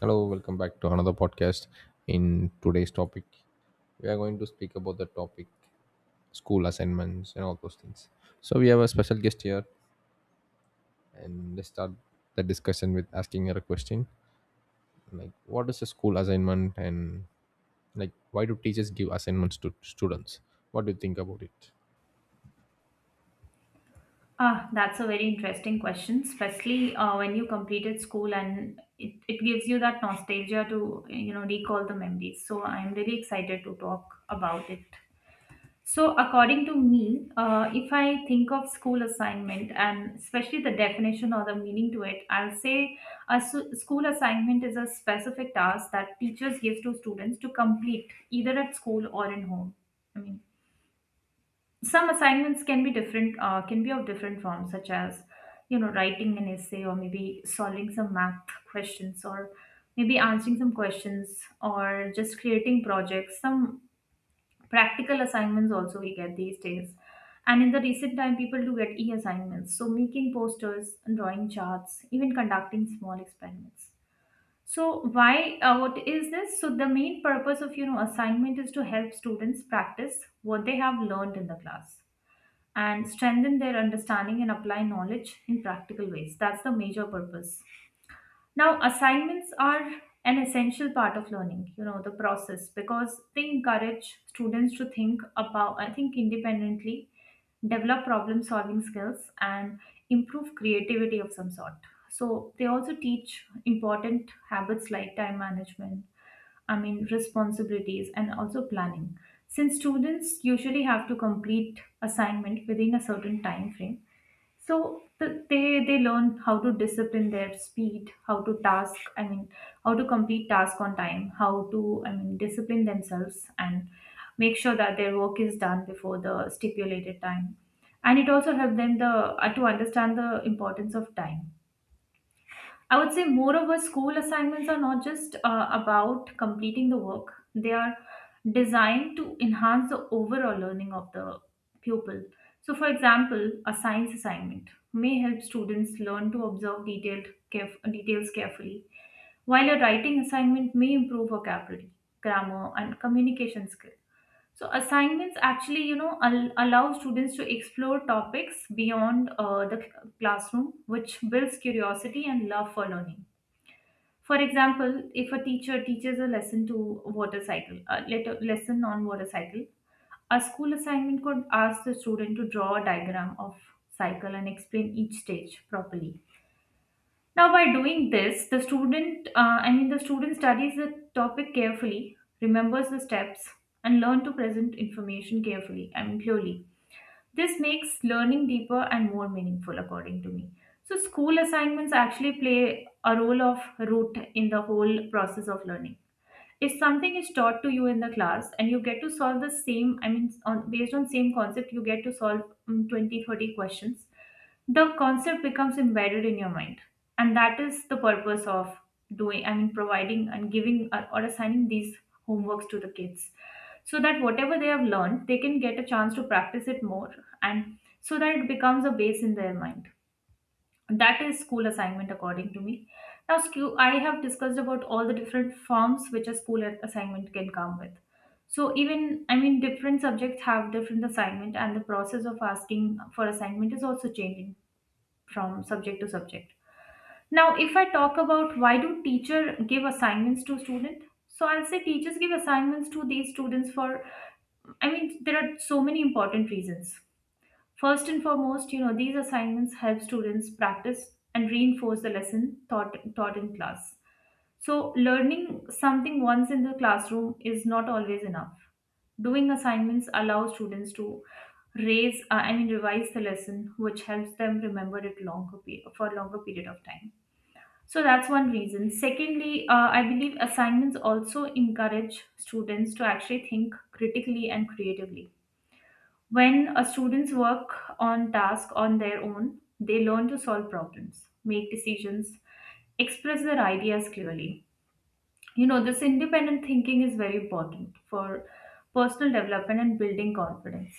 Hello, welcome back to another podcast. In today's topic, we are going to speak about the topic school assignments and all those things. So we have a special guest here, and let's start the discussion with asking her a question like, what is a school assignment, and like, why do teachers give assignments to students? What do you think about it? That's a very interesting question, especially when you completed school and it gives you that nostalgia to, you know, recall the memories. So I'm really excited to talk about it. So according to me, if I think of school assignment and especially the definition or the meaning to it, I'll say school assignment is a specific task that teachers give to students to complete either at school or in home. I mean, some assignments can be different can be of different forms such as you know writing an essay or maybe solving some math questions or maybe answering some questions or just creating projects, some practical assignments also we get these days. And in the recent time people do get e assignments, so making posters and drawing charts, even conducting small experiments. So why what is this? So the main purpose of, you know, assignment is to help students practice what they have learned in the class and strengthen their understanding and apply knowledge in practical ways. That's the major purpose. Now, assignments are an essential part of learning, you know, the process, because they encourage students to think about, I think, independently, develop problem solving skills, and improve creativity of some sort. So, they also teach important habits like time management, I mean, responsibilities and also planning. Since students usually have to complete assignment within a certain time frame, so they learn how to discipline their speed, how to task. I mean, how to complete task on time, how to, I mean, discipline themselves and make sure that their work is done before the stipulated time. And it also helps them the to understand the importance of time, I would say. Moreover, school assignments are not just about completing the work, they are designed to enhance the overall learning of the pupil. So, for example, a science assignment may help students learn to observe details carefully, while a writing assignment may improve vocabulary, grammar, and communication skills. So assignments actually, you know, allow students to explore topics beyond the classroom, which builds curiosity and love for learning. For example, if a teacher teaches a lesson to water cycle, lesson on water cycle, a school assignment could ask the student to draw a diagram of cycle and explain each stage properly. Now, by doing this, the student studies the topic carefully, remembers the steps, and learn to present information carefully and clearly. This makes learning deeper and more meaningful, according to me. So, school assignments actually play a role of root in the whole process of learning. If something is taught to you in the class and you get to solve the same, I mean, on based on same concept, you get to solve 20 30 questions, the concept becomes embedded in your mind, and that is the purpose of doing, I mean, providing and giving or assigning these homeworks to the kids, so that whatever they have learned they can get a chance to practice it more, and so that it becomes a base in their mind. That is school assignment according to me. Now, I have discussed about all the different forms which assignment can come with. So even, I mean, different subjects have different assignment and the process of asking for assignment is also changing from subject to subject. Now if I talk about why do teacher give assignments to student, so I'll say teachers give assignments to these students for, I mean, there are so many important reasons. First and foremost, you know, these assignments help students practice and reinforce the lesson taught in class. So, learning something once in the classroom is not always enough. Doing assignments allow students to revise the lesson, which helps them remember it for a longer period of time. So that's one reason. Secondly, I believe assignments also encourage students to actually think critically and creatively. When a students work on task on their own, they learn to solve problems, make decisions, express their ideas clearly. You know, this independent thinking is very important for personal development and building confidence.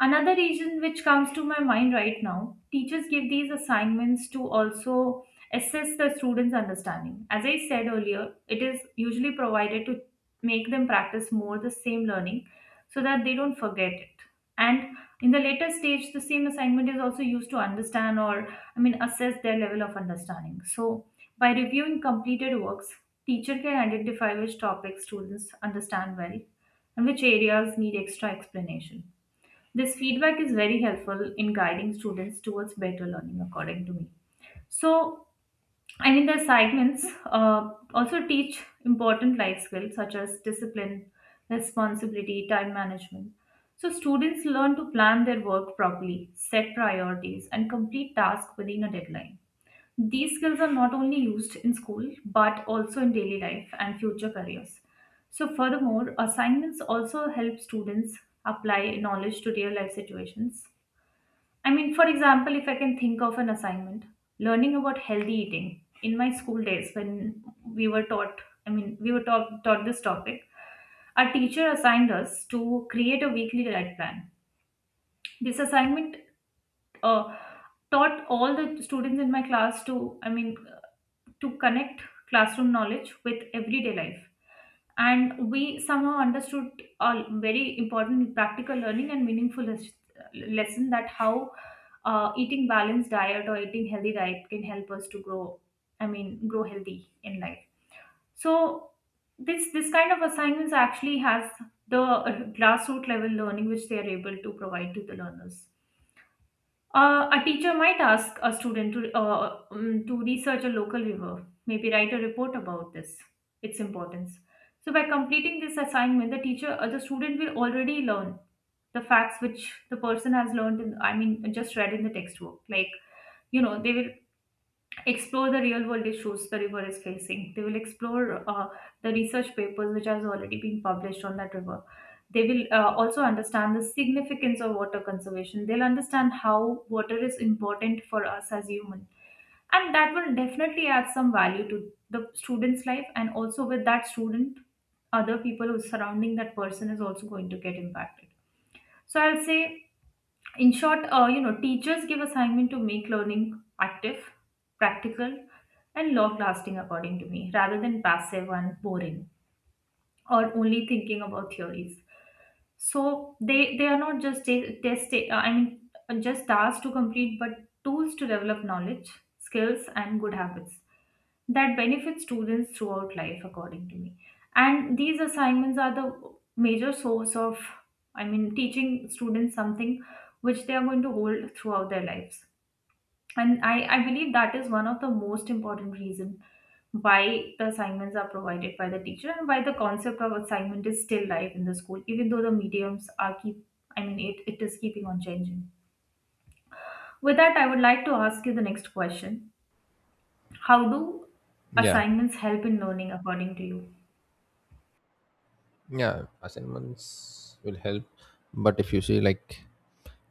Another reason which comes to my mind right now, teachers give these assignments to also assess the students' understanding. As I said earlier, it is usually provided to make them practice more the same learning so that they don't forget it, and in the later stage the same assignment is also used to understand or, I mean, assess their level of understanding. So by reviewing completed works, teacher can identify which topics students understand well and which areas need extra explanation. This feedback is very helpful in guiding students towards better learning according to me. So, and in the assignments, also teach important life skills such as discipline, responsibility, time management. So students learn to plan their work properly, set priorities, and complete tasks within a deadline. These skills are not only used in school but also in daily life and future careers. So, furthermore, assignments also help students apply knowledge to real life situations. I mean, for example, if I can think of an assignment, learning about healthy eating in my school days, when we were taught, I mean, we were taught, taught this topic, our teacher assigned us to create a weekly diet plan. This assignment uh, taught all the students in my class to, I mean, to connect classroom knowledge with everyday life. And we somehow understood a very important practical learning and meaningful lesson, that how eating balanced diet or eating healthy diet can help us to grow, I mean, grow healthy in life. So this kind of assignments actually has the grassroots level learning which they are able to provide to the learners. A teacher might ask a student to research a local river, maybe write a report about this, its importance. So by completing this assignment, the teacher or the student will already learn the facts which the person has learned in, I mean, just read in the textbook. Like, you know, they will explore the real world issues the river is facing. They will explore the research papers which has already been published on that river. They will also understand the significance of water conservation. They'll understand how water is important for us as human, and that will definitely add some value to the student's life. And also with that student, other people who surrounding that person is also going to get impacted. So I'll say in short, you know, teachers give assignment to make learning active, practical, and long lasting according to me, rather than passive and boring or only thinking about theories. So they are not just I mean, just tasks to complete, but tools to develop knowledge, skills, and good habits that benefits students throughout life according to me. And these assignments are the major source of, I mean, teaching students something which they are going to hold throughout their lives. And I believe that is one of the most important reason why the assignments are provided by the teacher and why the concept of assignment is still live in the school, even though the mediums are keep, I mean, it is keeping on changing. With that I would like to ask you the next question: how do Yeah. assignments help in learning according to you? Yeah, assignments will help, but if you see like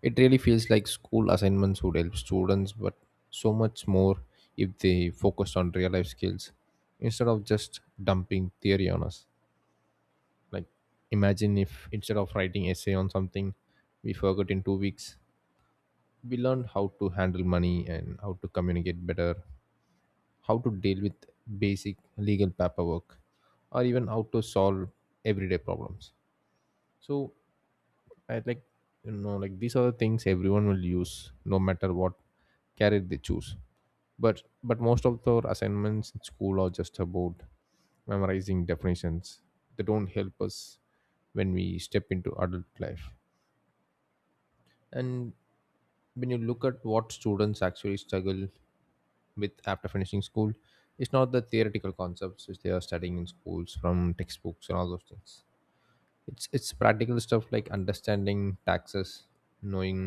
it really feels like school assignments would help students, but so much more if they focused on real life skills instead of just dumping theory on us. Like imagine if instead of writing essay on something we forgot in 2 weeks, we learned how to handle money and how to communicate better, how to deal with basic legal paperwork, or even how to solve everyday problems. So I like, you know, like these are the things everyone will use no matter what career they choose. But most of the assignments in school are just about memorizing definitions. They don't help us when we step into adult life. And when you look at what students actually struggle with after finishing school, it's not the theoretical concepts which they are studying in schools from textbooks and all those things. It's practical stuff like understanding taxes, knowing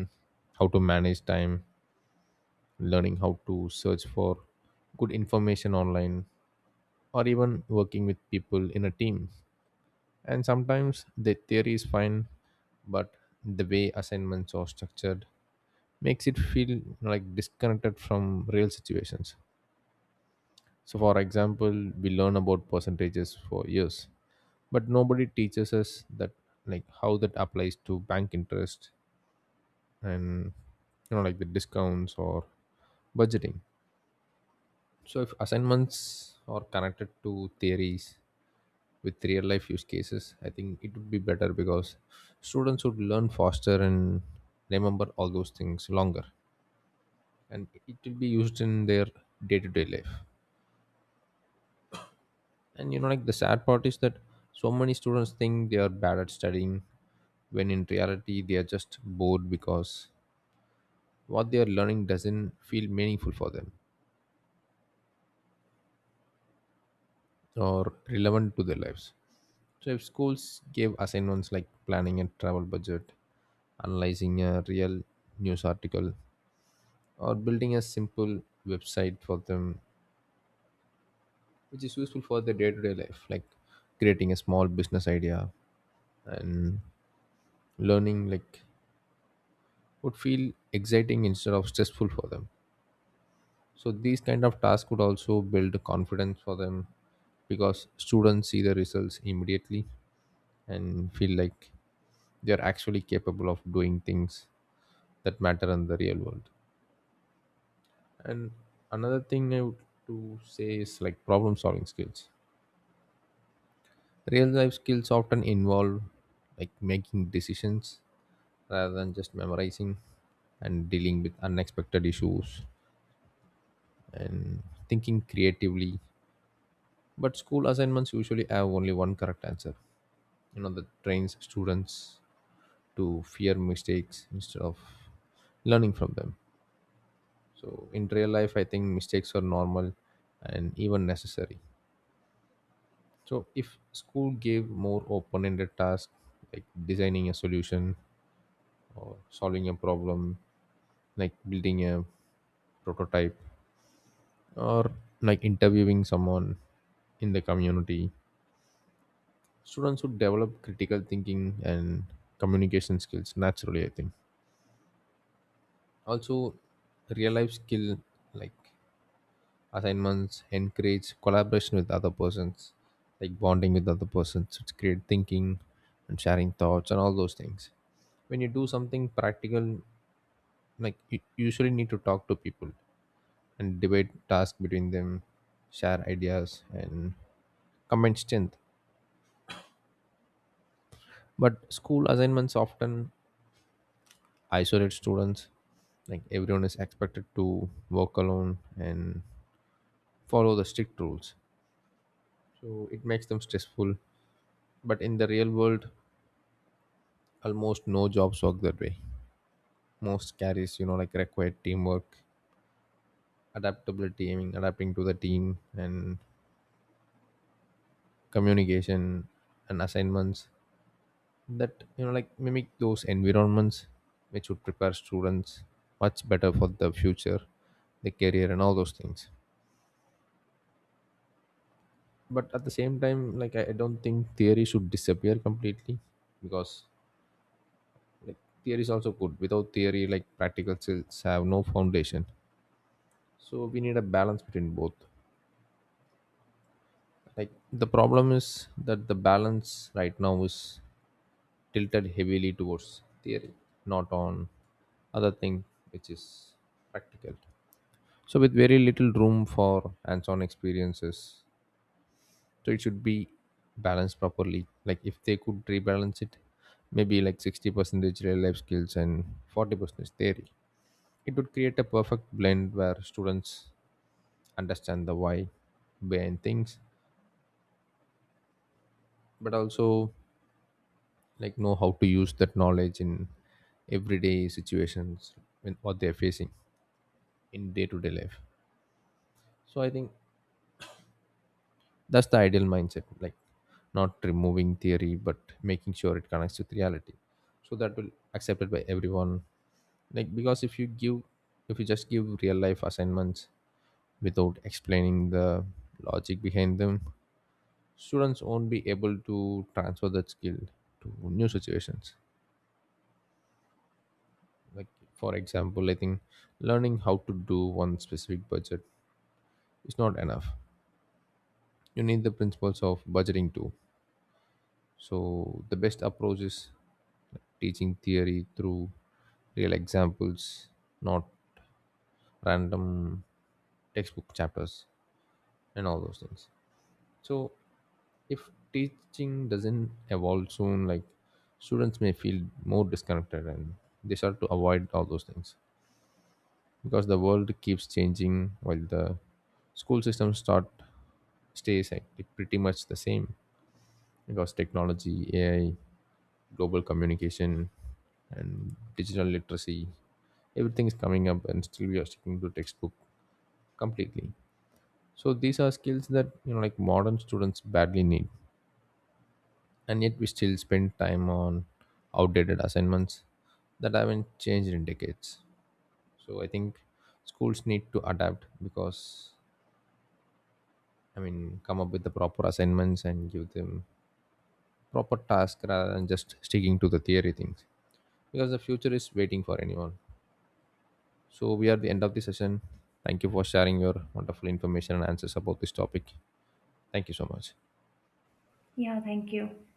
how to manage time, learning how to search for good information online, or even working with people in a team. And sometimes the theory is fine, but the way assignments are structured makes it feel like disconnected from real situations. So for example, we learn about percentages for years, but nobody teaches us that, like, how that applies to bank interest and, you know, like the discounts or budgeting. So if assignments are connected to theories with real life use cases, I think it would be better because students would learn faster and remember all those things longer, and it will be used in their day-to-day life. And you know, like the sad part is that so many students think they are bad at studying when in reality they are just bored because what they are learning doesn't feel meaningful for them or relevant to their lives. So if schools gave assignments like planning a travel budget, analyzing a real news article, or building a simple website for them, which is useful for their day-to-day life, like creating a small business idea and learning, like, would feel exciting instead of stressful for them. So these kind of tasks could also build confidence for them because students see the results immediately and feel like they're actually capable of doing things that matter in the real world. And another thing I would to say is like problem solving skills. Real life skills often involve like making decisions rather than just memorizing, and dealing with unexpected issues and thinking creatively. But school assignments usually have only one correct answer. You know, that trains students to fear mistakes instead of learning from them. So in real life, I think mistakes are normal and even necessary. So if school gave more open-ended tasks like designing a solution or solving a problem, like building a prototype or like interviewing someone in the community, students would develop critical thinking and communication skills naturally, I think. Also real life skill like assignments encourage collaboration with other persons, like bonding with other persons, it's great thinking and sharing thoughts and all those things. When you do something practical, like you usually need to talk to people and debate tasks between them, share ideas and combine strength. But school assignments often isolate students, like everyone is expected to work alone and follow the strict rules, so it makes them stressful. But in the real world, almost no jobs work that way. Most carries, you know, like require teamwork, adaptability, I mean, adapting to the team and communication, and assignments that, you know, like mimic those environments which would prepare students much better for the future, the career, and all those things. But at the same time, like, I don't think theory should disappear completely because, like, theory is also good. Without theory, like, practical skills have no foundation. So we need a balance between both. Like the problem is that the balance right now is tilted heavily towards theory, not on other thing which is practical, so with very little room for hands-on experiences. So it should be balanced properly, like if they could rebalance it, maybe like 60% real life skills and 40% theory, it would create a perfect blend where students understand the why behind things, but also like know how to use that knowledge in everyday situations, in what they're facing in day-to-day life. So I think that's the ideal mindset, like not removing theory but making sure it connects with reality, so that will accepted by everyone. Like because if you just give real life assignments without explaining the logic behind them, students won't be able to transfer that skill to new situations. Like for example, I think learning how to do one specific budget is not enough. You need the principles of budgeting too. So the best approach is teaching theory through real examples, not random textbook chapters and all those things. So if teaching doesn't evolve soon, like students may feel more disconnected and they start to avoid all those things because the world keeps changing while the school system start stays like pretty much the same. Because technology, AI, global communication, and digital literacy, everything is coming up and still we are sticking to textbook completely. So these are skills that, you know, like modern students badly need, and yet we still spend time on outdated assignments that haven't changed in decades. So I think schools need to adapt because, I mean, come up with the proper assignments and give them proper tasks rather than just sticking to the theory things, because the future is waiting for anyone. So, we are the end of the session. Thank you for sharing your wonderful information and answers about this topic. Thank you so much. Yeah, thank you.